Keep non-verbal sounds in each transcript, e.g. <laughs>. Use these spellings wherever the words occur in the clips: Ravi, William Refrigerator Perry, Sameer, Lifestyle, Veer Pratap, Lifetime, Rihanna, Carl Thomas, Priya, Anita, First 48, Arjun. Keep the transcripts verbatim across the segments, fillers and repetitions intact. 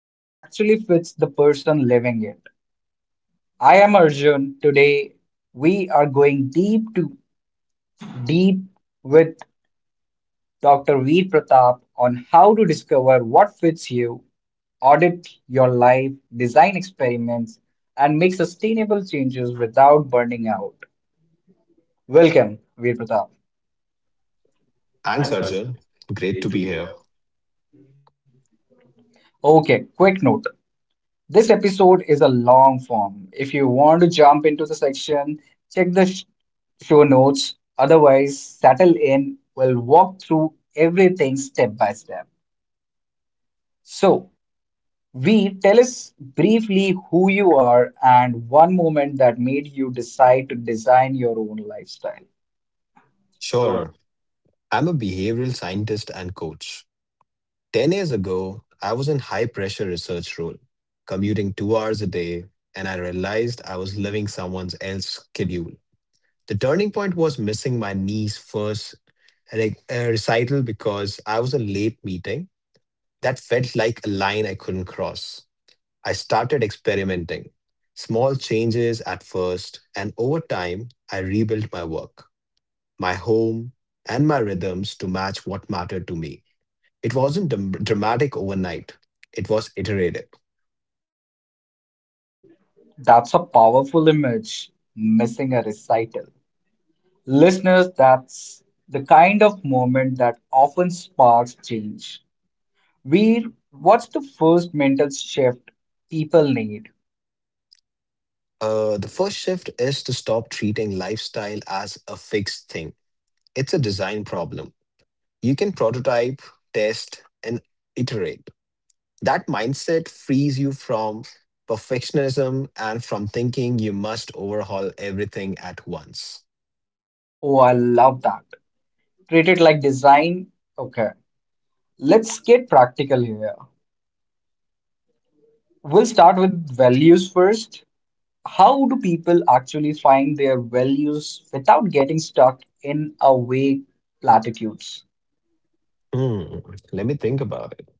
that actually fits the person living it. I am Arjun. Today, we are going deep to deep with Doctor Veer Pratap on how to discover what fits you, audit your life, design experiments, and make sustainable changes without burning out. Welcome, Veer Pratap. Thanks, Arjun. Great to be here. Okay, quick note. This episode is a long form. If you want to jump into the section, check the sh- show notes. Otherwise, settle in. We'll walk through everything step by step. So, V, tell us briefly who you are and one moment that made you decide to design your own lifestyle. Sure, I'm a behavioral scientist and coach. ten years ago, I was in high pressure research role, commuting two hours a day, and I realized I was living someone else's schedule. The turning point was missing my niece's first re- uh, recital because I was in late meeting that felt like a line I couldn't cross. I started experimenting. Small changes at first, and over time, I rebuilt my work, my home, and my rhythms to match what mattered to me. It wasn't dam- dramatic overnight, it was iterative. That's a powerful image, missing a recital. Listeners, that's the kind of moment that often sparks change. Where, what's the first mental shift people need? Uh, the first shift is to stop treating lifestyle as a fixed thing. It's a design problem. You can prototype, test, and iterate. That mindset frees you from perfectionism and from thinking you must overhaul everything at once. Oh, I love that. Treat it like design. Okay, let's get practical here. We'll start with values first. How do people actually find their values without getting stuck in a vague platitudes? Hmm, let me think about it.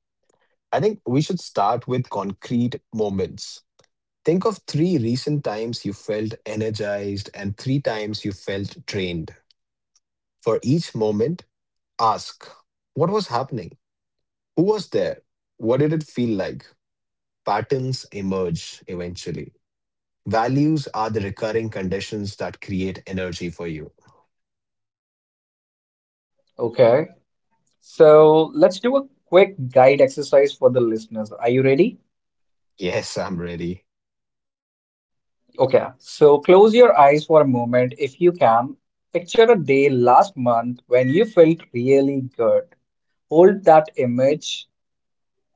I think we should start with concrete moments. Think of three recent times you felt energized and three times you felt drained. For each moment, ask, what was happening? Who was there? What did it feel like? Patterns emerge eventually. Values are the recurring conditions that create energy for you. Okay, so let's do a quick guide exercise for the listeners. Are you ready? Yes, <laughs> I'm ready. Okay, so close your eyes for a moment if you can. Picture a day last month when you felt really good. Hold that image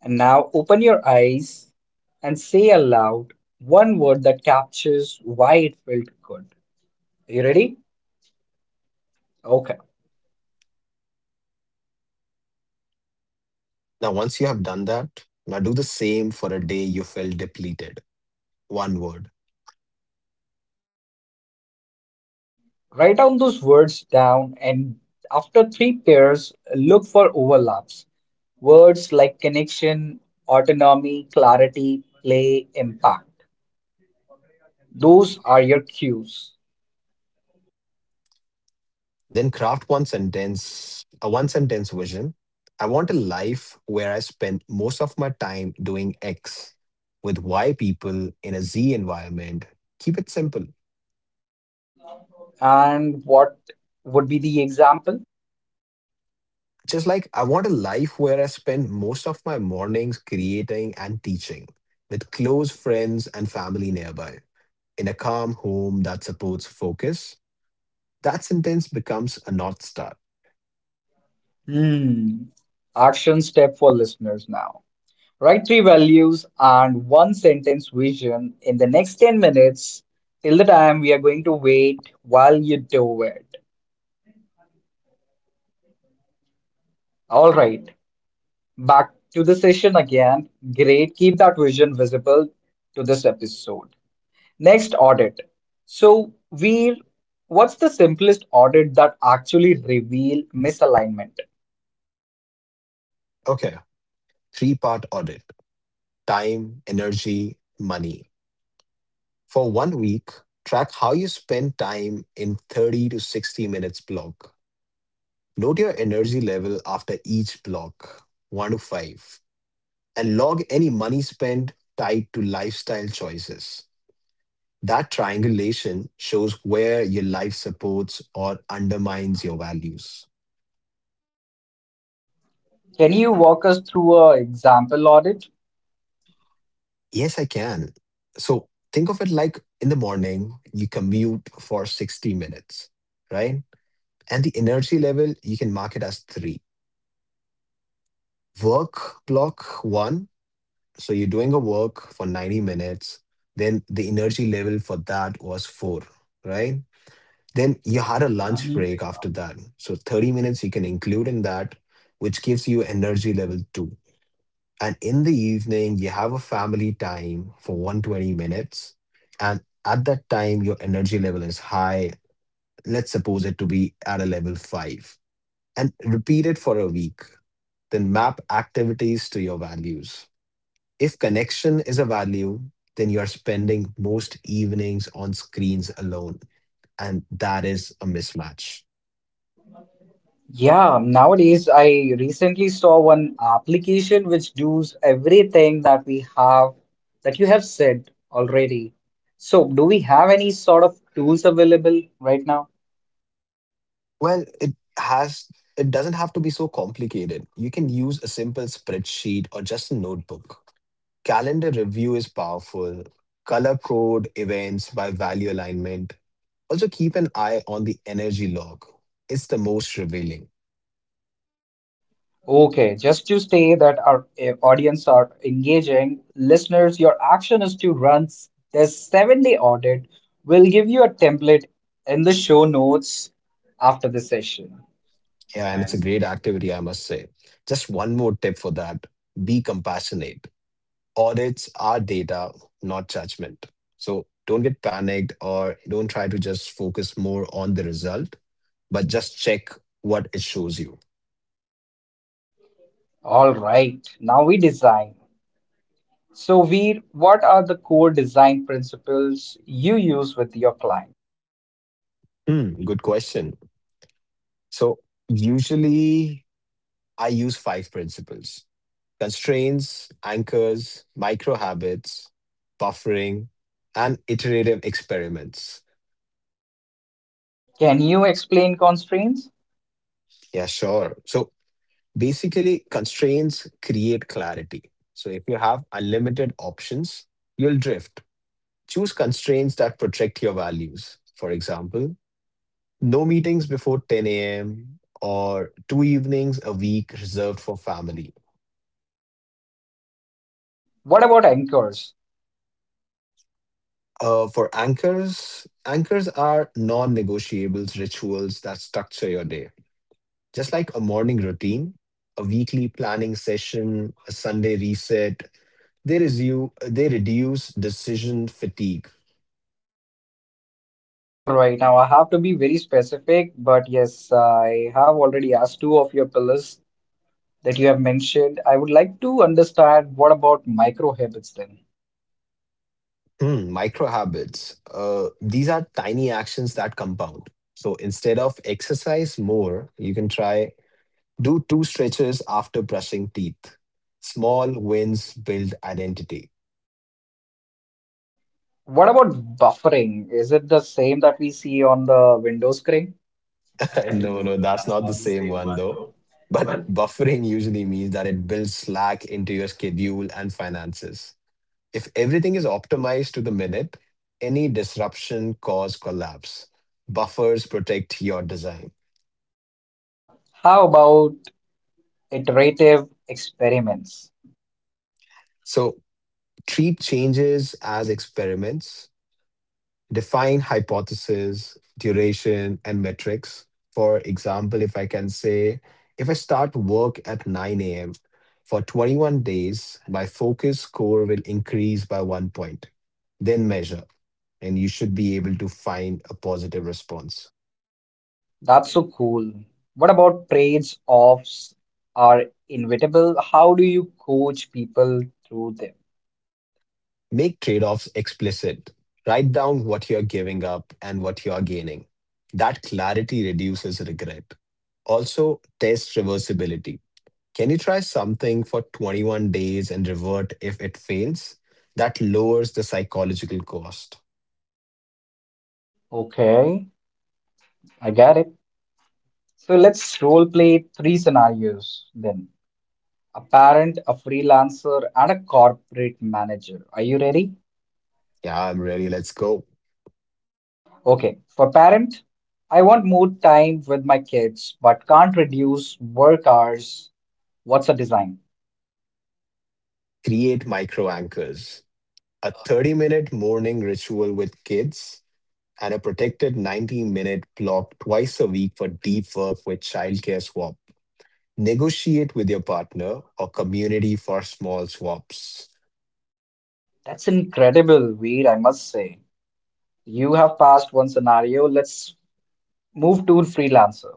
and now open your eyes and say aloud one word that captures why it felt good. Are You ready? Okay. Now, once you have done that, now do the same for a day you felt depleted. One word. Write down those words down and after three pairs, look for overlaps. Words like connection, autonomy, clarity, play, impact. Those are your cues. Then craft one sentence, a one sentence vision. I want a life where I spend most of my time doing X with Y people in a Z environment. Keep it simple. And what would be the example? Just like I want a life where I spend most of my mornings creating and teaching with close friends and family nearby in a calm home that supports focus. That sentence becomes a North Star. Hmm. Action step for listeners now. Write three values and one sentence vision in the next ten minutes. Till the time we are going to wait while you do it. All right, back to the session again. Great, keep that vision visible to this episode. Next audit. So, we what's the simplest audit that actually reveal misalignment? Okay, three part audit, time, energy, money. For one week, track how you spend time in thirty to sixty minutes block. Note your energy level after each block, one to five, and log any money spent tied to lifestyle choices. That triangulation shows where your life supports or undermines your values. Can you walk us through a example audit? Yes, I can. So think of it like in the morning, you commute for sixty minutes, right? And the energy level, you can mark it as three. Work block one. So you're doing a work for ninety minutes. Then the energy level for that was four, right? Then you had a lunch Mhm. break after that. So thirty minutes you can include in that, which gives you energy level two. And in the evening, you have a family time for one hundred twenty minutes. And at that time, your energy level is high. Let's suppose it to be at a level five, and repeat it for a week. Then map activities to your values. If connection is a value, then you're spending most evenings on screens alone, and that is a mismatch. Yeah, nowadays I recently saw one application which does everything that we have that you have said already. So, do we have any sort of tools available right now? Well, it has it doesn't have to be so complicated. You can use a simple spreadsheet or just a notebook. Calendar review is powerful. Color code events by value alignment. Also keep an eye on the energy log. It's the most revealing. Okay, just to say that our eh, audience are engaging, listeners, your action is to run s- this seven day audit. We'll give you a template in the show notes after the session. Yeah, and it's a great activity, I must say. Just one more tip for that. Be compassionate, audits are data, not judgment. So don't get panicked or don't try to just focus more on the result, but just check what it shows you. All right, now we design. So, Veer, what are the core design principles you use with your client? Hmm, good question. So usually I use five principles, constraints, anchors, micro habits, buffering, and iterative experiments. Can you explain constraints? Yeah, sure. So basically, constraints create clarity. So if you have unlimited options, you'll drift. Choose constraints that protect your values. For example, no meetings before ten a m or two evenings a week reserved for family. What about anchors? Uh, for anchors, anchors are non negotiables rituals that structure your day. Just like a morning routine, a weekly planning session, a Sunday reset, they, resu- they reduce decision fatigue. All right, now I have to be very specific, but yes, I have already asked two of your pillars that you have mentioned. I would like to understand what about micro habits then? Hmm, micro habits. Uh, these are tiny actions that compound. So instead of exercise more, you can try do two stretches after brushing teeth. Small wins build identity. What about buffering? Is it the same that we see on the Windows screen? <laughs> No, no, that's not the same one though. But buffering usually means that it builds slack into your schedule and finances. If everything is optimized to the minute, any disruption cause collapse. Buffers protect your design. How about iterative experiments? So treat changes as experiments, define hypothesis, duration, and metrics. For example, if I can say, if I start work at nine a m, for twenty-one days, my focus score will increase by one point, then measure, and you should be able to find a positive response. That's so cool. What about trades offs are inevitable? How do you coach people through them? Make trade offs explicit. Write down what you're giving up and what you're gaining. That clarity reduces regret. Also, test reversibility. Can you try something for twenty-one days and revert if it fails? That lowers the psychological cost. Okay, I got it. So let's role play three scenarios then. A parent, a freelancer, and a corporate manager. Are you ready? Yeah, I'm ready. Let's go. Okay, for parent, I want more time with my kids, but can't reduce work hours. What's a design? Create micro anchors. A thirty minute morning ritual with kids and a protected ninety minute block twice a week for deep work with childcare swap. Negotiate with your partner or community for small swaps. That's incredible, Veer, I must say. You have passed one scenario. Let's move to freelancer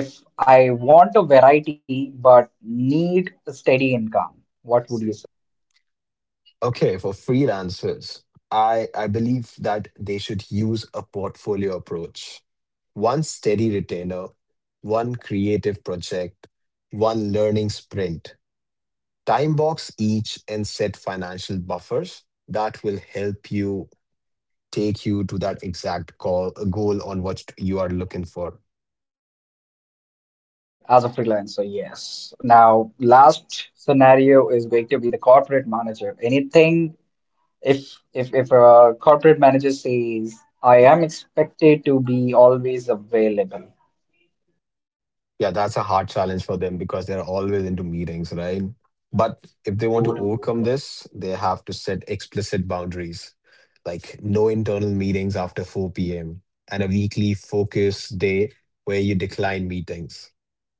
if I want a variety but need a steady income. What would you say Okay, for freelancers, I, I believe that they should use a portfolio approach. One steady retainer, one creative project, one learning sprint. Time box each and set financial buffers that will help you take you to that exact call, goal on what you are looking for. as a freelancer? Yes, now last scenario is going to be the corporate manager. Anything, if if if a corporate manager says I am expected to be always available. Yeah, that's a hard challenge for them because they're always into meetings, right? But if they want to overcome this, they have to set explicit boundaries, like no internal meetings after four p m and a weekly focus day where you decline meetings.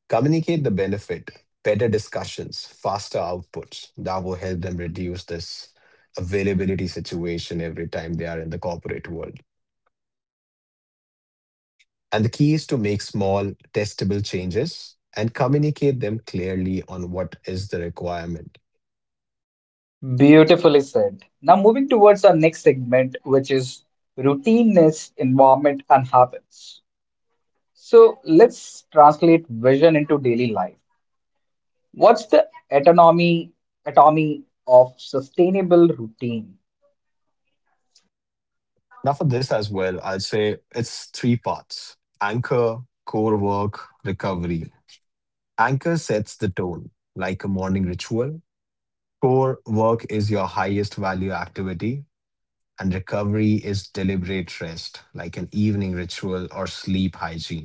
Communicate the benefit, better discussions, faster outputs. That will help them reduce this availability situation every time they are in the corporate world. And the key is to make small, testable changes and communicate them clearly on what is the requirement. Beautifully said. Now moving towards our next segment, which is routineness, environment, and habits. So let's translate vision into daily life. What's the autonomy autonomy of sustainable routine? Now, for this as well, I'll say it's three parts, anchor, core work, recovery. Anchor sets the tone, like a morning ritual. Core work is your highest value activity, and recovery is deliberate rest, like an evening ritual or sleep hygiene.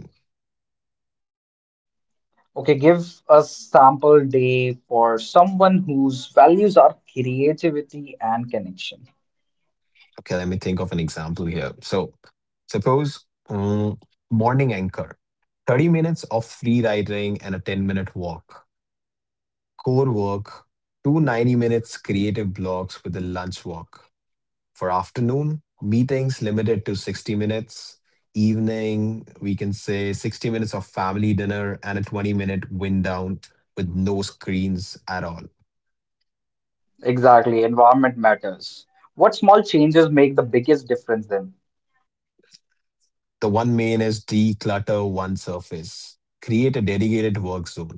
Okay, give a sample day for someone whose values are creativity and connection. Okay, let me think of an example here. So, suppose mm, morning anchor, thirty minutes of free writing and a ten minute walk, core work, two ninety minutes creative blocks with a lunch walk. For afternoon, meetings limited to sixty minutes. Evening, we can say sixty minutes of family dinner and a twenty minute wind down with no screens at all. Exactly, environment matters. What small changes make the biggest difference then? The one main is declutter one surface, create a dedicated work zone,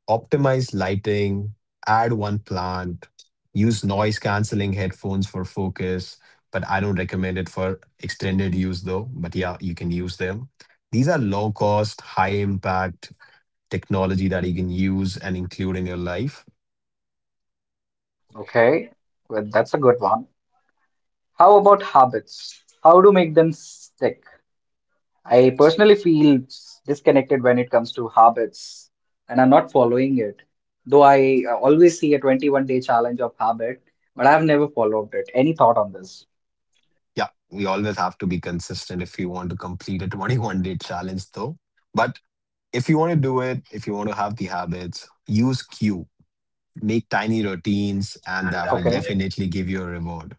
optimize lighting, add one plant, use noise canceling headphones for focus, but I don't recommend it for extended use though. But yeah, you can use them. These are low cost, high impact technology that you can use and include in your life. Okay, well, that's a good one. How about habits? How to make them stick? I personally feel disconnected when it comes to habits and I'm not following it. Though I uh, always see a twenty-one day challenge of habit, but I've never followed it. Any thought on this? Yeah, we always have to be consistent if you want to complete a <laughs> twenty-one day challenge though. But if you want to do it, if you want to have the habits, use Q. Make tiny routines, and that will Okay. definitely give you a reward.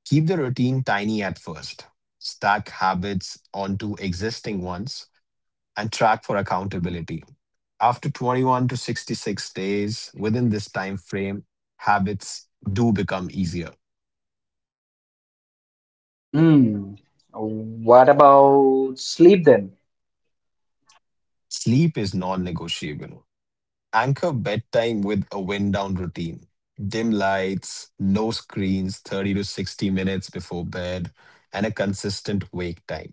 Keep the routine tiny at first. Stack habits onto existing ones and track for accountability. After twenty-one to sixty-six days, within this time frame, habits do become easier. Hmm. What about sleep then? Sleep is non negotiable. Anchor bedtime with a wind down routine. Dim lights, no screens thirty to sixty minutes before bed, and a consistent wake time.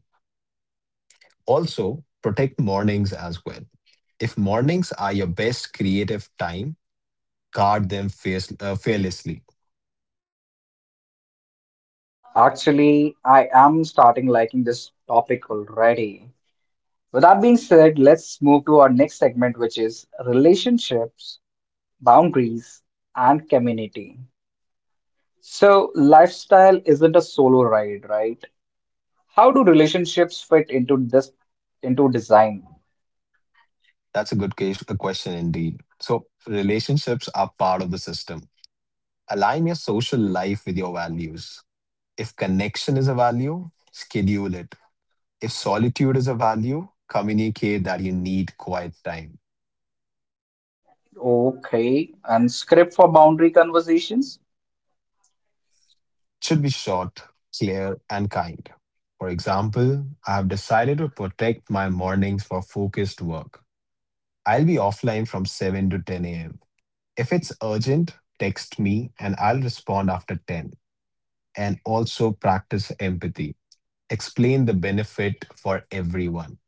Also, protect mornings as well. If mornings are your best creative time, guard them fierce, uh, fearlessly. Actually, I am starting liking this topic already. With that being said, let's move to our next segment, which is relationships, boundaries, and community. So, lifestyle isn't a solo ride, right? How do relationships fit into this, into design? That's a good case, a question indeed. So, relationships are part of the system. Align your social life with your values. If connection is a value, schedule it. If solitude is a value, communicate that you need quiet time. Okay, and script for boundary conversations? It should be short, clear, and kind. For example, I have decided to protect my mornings for focused work. I'll be offline from seven to ten a m. If it's urgent, text me and I'll respond after ten. And also practice empathy. Explain the benefit for everyone.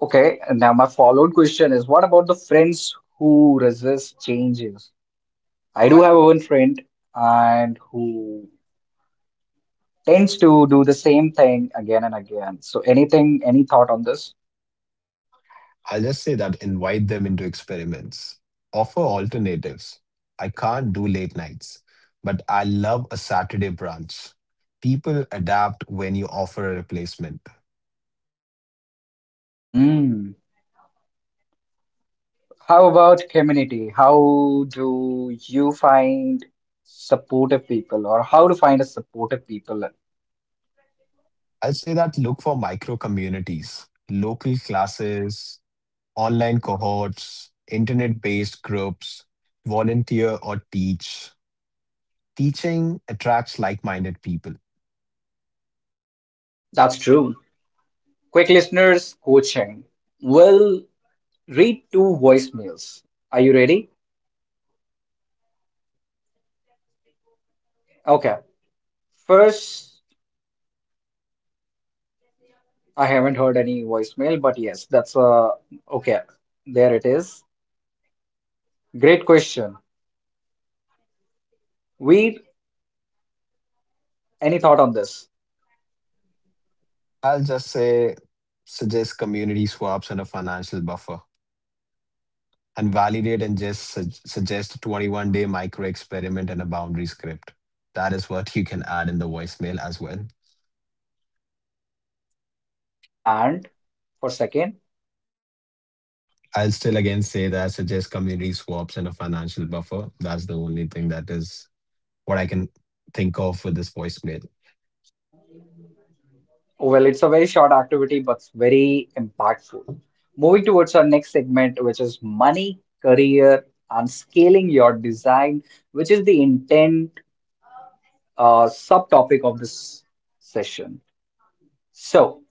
Okay, and now my followed question is what about the friends who resist changes? I do have one friend and who tends to do the same thing again and again. So, anything, any thought on this? I'll just say that invite them into experiments. Offer alternatives. I can't do late nights, but I love a Saturday brunch. People adapt when you offer a replacement. Hmm. How about community? How do you find supportive people or how to find a supportive people? I'll say that look for micro communities, local classes, online cohorts, internet based groups, volunteer or teach. Teaching attracts like minded people. That's true. Quick listeners coaching. We'll read two voicemails. Are you ready? Okay. First, I haven't heard any voicemail, but yes, that's uh okay. There it is. Great question. We any thought on this? I'll just say, suggest community swaps and a financial buffer, and validate and just su- suggest a twenty-one day micro experiment and a boundary script. That is what you can add in the voicemail as well. And for second, I'll still again say that I suggest community swaps and a financial buffer. That's the only thing that is what I can think of with this voicemail. well, it's a very short activity, but it's very impactful. Moving towards our next segment, which is money, career, and scaling your design, which is the intent uh, subtopic of this session. So,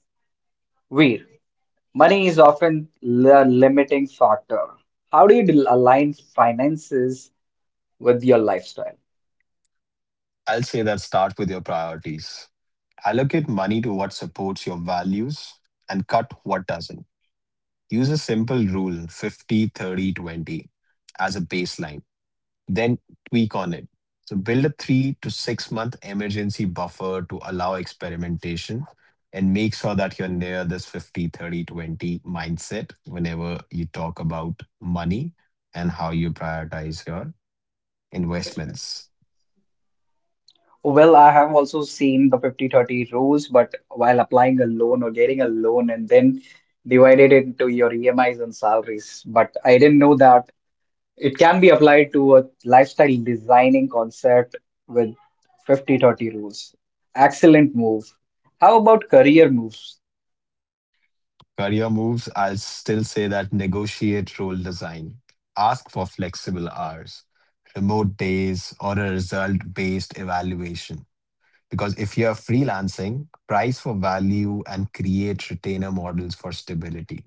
Veer, money is often the limiting factor. How do you del- align finances with your lifestyle? I'll say that start with your priorities. Allocate money to what supports your values and cut what doesn't. Use a simple rule, fifty, thirty, twenty, as a baseline, then tweak on it. So build a three to six month emergency buffer to allow experimentation and make sure that you're near this fifty, thirty, twenty mindset whenever you talk about money and how you prioritize your investments. Well, I have also seen the fifty thirty rules, but while applying a loan or getting a loan and then divided it into your E M Is and salaries. But I didn't know that it can be applied to a lifestyle designing concept with fifty thirty rules. Excellent move. How about career moves? Career moves, I'll still say that negotiate role design. Ask for flexible hours, remote days, or a result based evaluation. Because if you're freelancing, price for value and create retainer models for stability.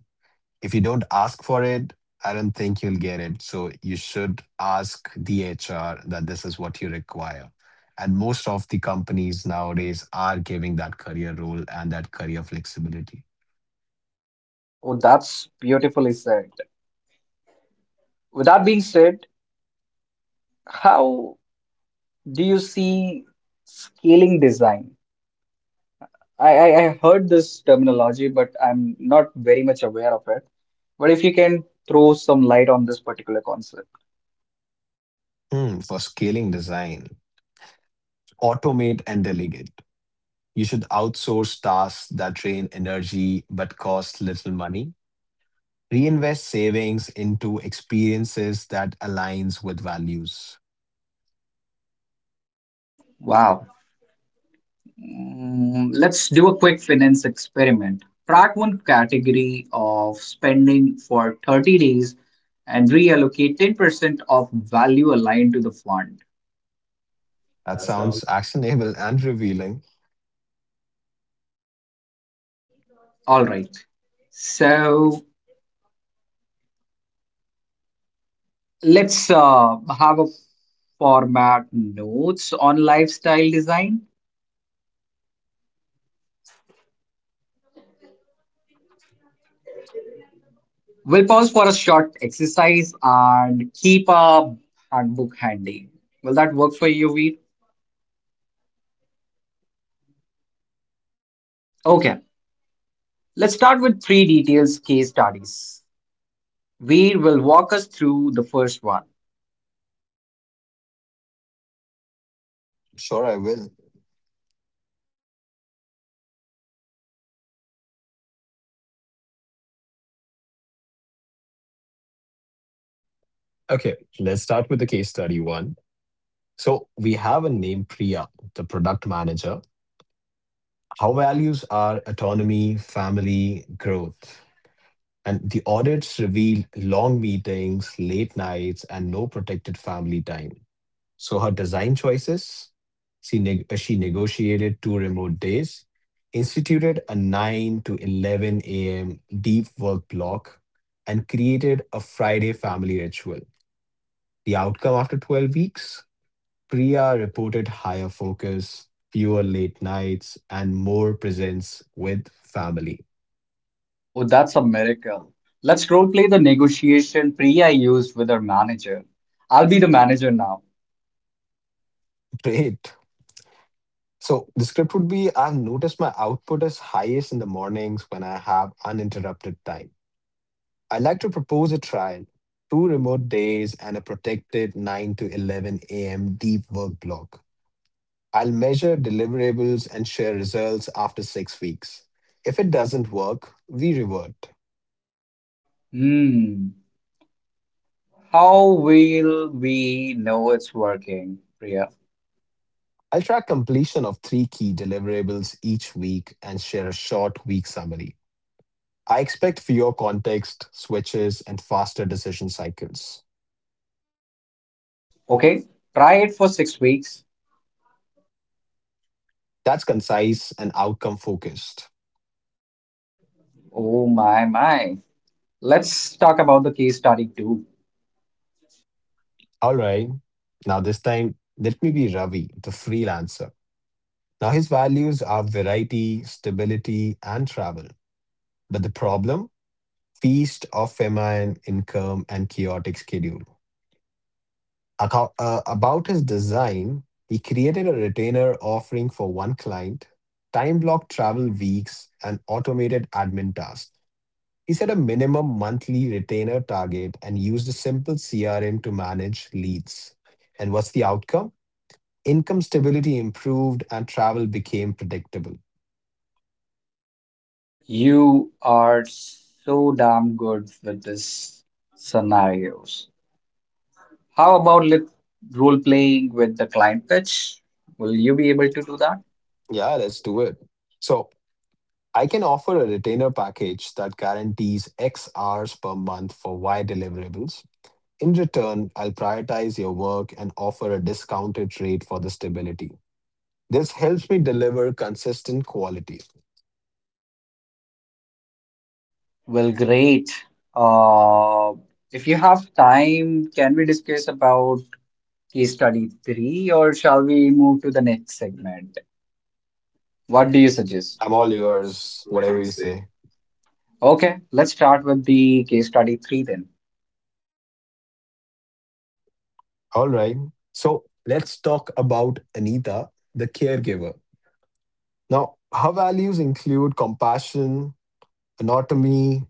If you don't ask for it, I don't think you'll get it. So you should ask the H R that this is what you require. And most of the companies nowadays are giving that career role and that career flexibility. Oh, that's beautifully said. With that being said, how do you see scaling design? I, I, I heard this terminology, but I'm not very much aware of it. But if you can throw some light on this particular concept. Hmm, for scaling design, automate and delegate. You should outsource tasks that drain energy but cost little money. Reinvest savings into experiences that aligns with values. Wow. Mm, let's do a quick finance experiment. Track one category of spending for thirty days and reallocate ten percent of value aligned to the fund. That sounds actionable and revealing. All right. So let's uh, have a format notes on lifestyle design. We'll pause for a short exercise and keep a handbook handy. Will that work for you, Veer? Okay, let's start with three details case studies. Veer will walk us through the first one. Sure, I will. Okay, let's start with the case study one. So we have a name Priya, the product manager. How values are autonomy, family, growth. And the audits revealed long meetings, late nights, and no protected family time. So her design choices, she, neg- uh, she negotiated two remote days, instituted a nine to eleven a m deep work block, and created a Friday family ritual. The outcome after twelve weeks? Priya reported higher focus, fewer late nights, and more presence with family. Oh, that's a miracle. Let's role play the negotiation Priya used with her manager. I'll be the manager now. <laughs> Great. So the script would be, I've noticed my output is highest in the mornings when I have uninterrupted time. I'd like to propose a trial, two remote days and a protected nine to eleven a m deep work block. I'll measure deliverables and share results after six weeks. If it doesn't work, we revert. Hmm, how will we know it's working, Priya? I'll track completion of three key deliverables each week and share a short week summary. I expect fewer context switches and faster decision cycles. Okay, try it for six weeks. That's concise and outcome focused. Oh my my. Let's talk about the case study two. All right. Now, this time, let me be Ravi, the freelancer. Now, his values are variety, stability, and travel. But the problem? Feast of famine, income, and chaotic schedule. Acco- uh, about his design, he created a retainer offering for one client, time block travel weeks, and automated admin tasks. He set a minimum monthly retainer target and used a simple C R M to manage leads. And what's the outcome? Income stability improved and travel became predictable. You are so damn good with this scenarios. How about let role playing with the client pitch? Will you be able to do that? Yeah, let's do it. So I can offer a retainer package that guarantees X hours per month for Y deliverables. In return, I'll prioritize your work and offer a discounted rate for the stability. This helps me deliver consistent quality. Well, great. Uh, if you have time, can we discuss about case study three, or shall we move to the next segment? What do you suggest? I'm all yours, whatever you say. Okay, let's start with the case study three then. All right. So let's talk about Anita, the caregiver. Now, her values include compassion, anatomy,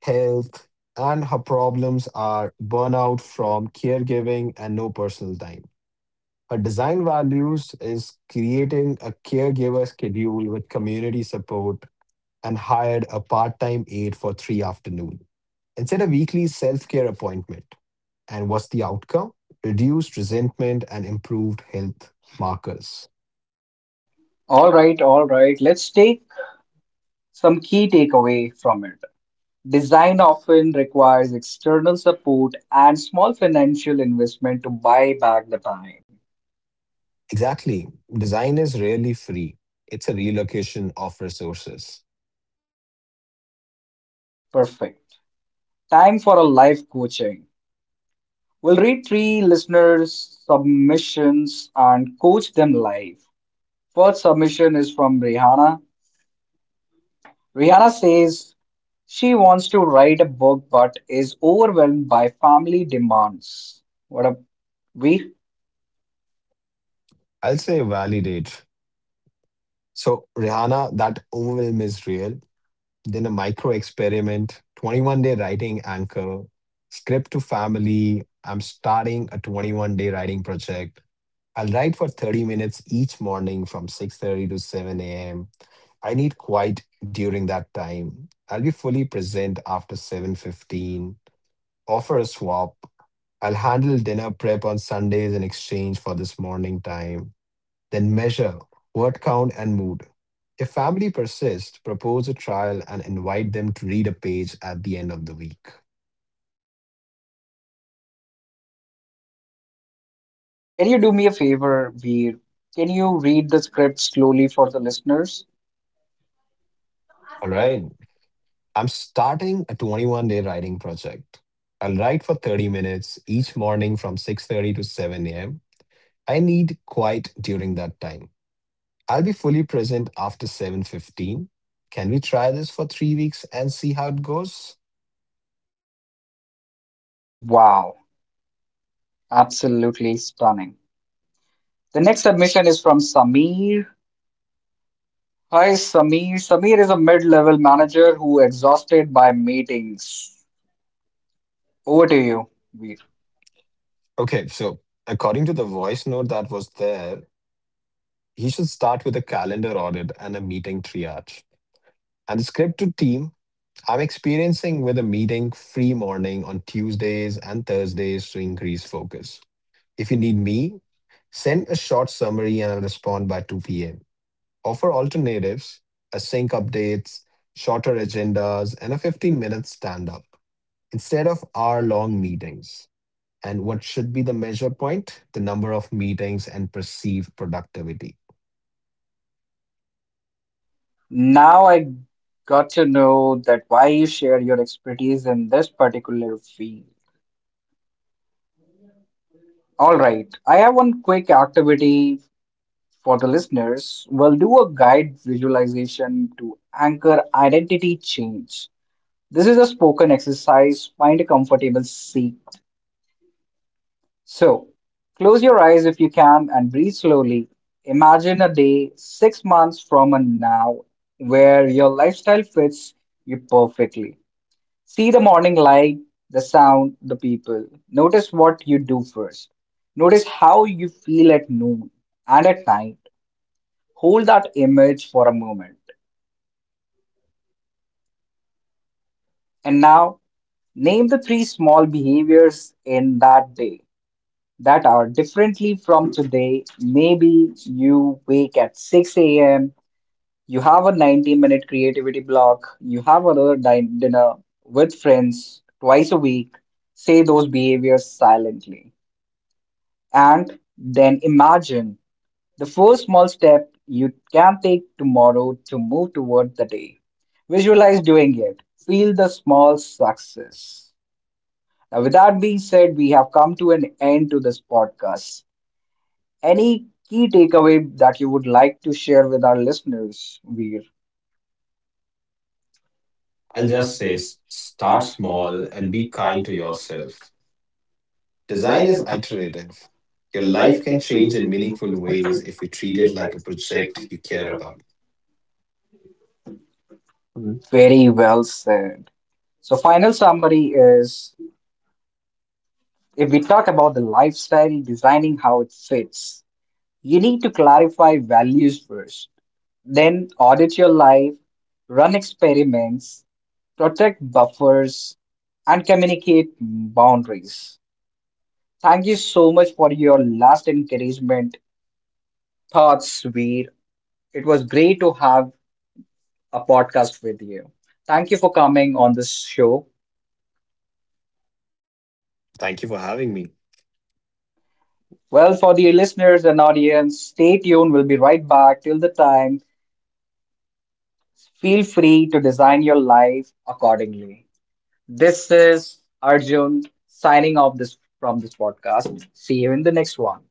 health, and her problems are burnout from caregiving and no personal time. Her design values is creating a caregiver schedule with community support and hired a part time aide for three afternoon and set a weekly self care appointment. And what's the outcome? Reduced resentment and improved health markers. All right, all right. Let's take some key takeaway from it. Design often requires external support and small financial investment to buy back the time. Exactly. Design is rarely free, it's a relocation of resources. Perfect. Time for a live coaching. We'll read three listeners' submissions and coach them live. First submission is from Rihanna. Rihanna says she wants to write a book but is overwhelmed by family demands. What up, we? I'll say validate. So, Rihanna, that overwhelm is real. Then a micro experiment, twenty-one day writing anchor, script to family. I'm starting a twenty-one day writing project. I'll write for thirty minutes each morning from six thirty to seven a m. I need quiet during that time. I'll be fully present after seven fifteen. Offer a swap. I'll handle dinner prep on Sundays in exchange for this morning time. Then measure word count and mood. If family persists, propose a trial and invite them to read a page at the end of the week. Can you do me a favor, Veer? Can you read the script slowly for the listeners? All right. I'm starting a twenty-one day writing project. I'll write for thirty minutes each morning from six thirty to seven a m. I need quiet during that time. I'll be fully present after seven fifteen. Can we try this for three weeks and see how it goes? Wow, absolutely stunning. The next submission is from Sameer. Hi, Sameer. Sameer is a mid level manager who exhausted by meetings. Over to you, Veer. Okay, so according to the voice note that was there, he should start with a calendar audit and a meeting triage. And the script to team, I'm experiencing with a meeting free morning on Tuesdays and Thursdays to increase focus. If you need me, send a short summary and I'll respond by two p m. Offer alternatives, a sync updates, shorter agendas, and a fifteen minute stand up instead of hour long meetings. And what should be the measure point? The number of meetings and perceived productivity. Now I got to know that why you share your expertise in this particular field. All right, I have one quick activity for the listeners, we'll do a guide visualization to anchor identity change. This is a spoken exercise. Find a comfortable seat. So, close your eyes if you can and breathe slowly. Imagine a day six months from now where your lifestyle fits you perfectly. See the morning light, the sound, the people. Notice what you do first. Notice how you feel at noon and at night. Hold that image for a moment. And now, name the three small behaviors in that day that are differently from today. Maybe you wake at six a m, you have a ninety minute creativity block, you have another din- dinner with friends twice a week. Say those behaviors silently. And then imagine the first small step you can take tomorrow to move toward the day. Visualize doing it. Feel the small success. Now, with that being said, we have come to an end to this podcast. Any key takeaway that you would like to share with our listeners, Veer? I'll just say s- start small and be kind to yourself. Design is iterative. Your life can change in meaningful ways if you treat it like a project you care about. Very well said. So, final summary is if we talk about the lifestyle, designing how it fits, you need to clarify values first. Then audit your life, run experiments, protect buffers, and communicate boundaries. Thank you so much for your last encouragement, thoughts, Veer. It was great to have a podcast with you. Thank you for coming on this show. Thank you for having me. Well, for the listeners and audience, stay tuned. We'll be right back. Till the time, feel free to design your life accordingly. This is Arjun signing off this from this podcast. See you in the next one.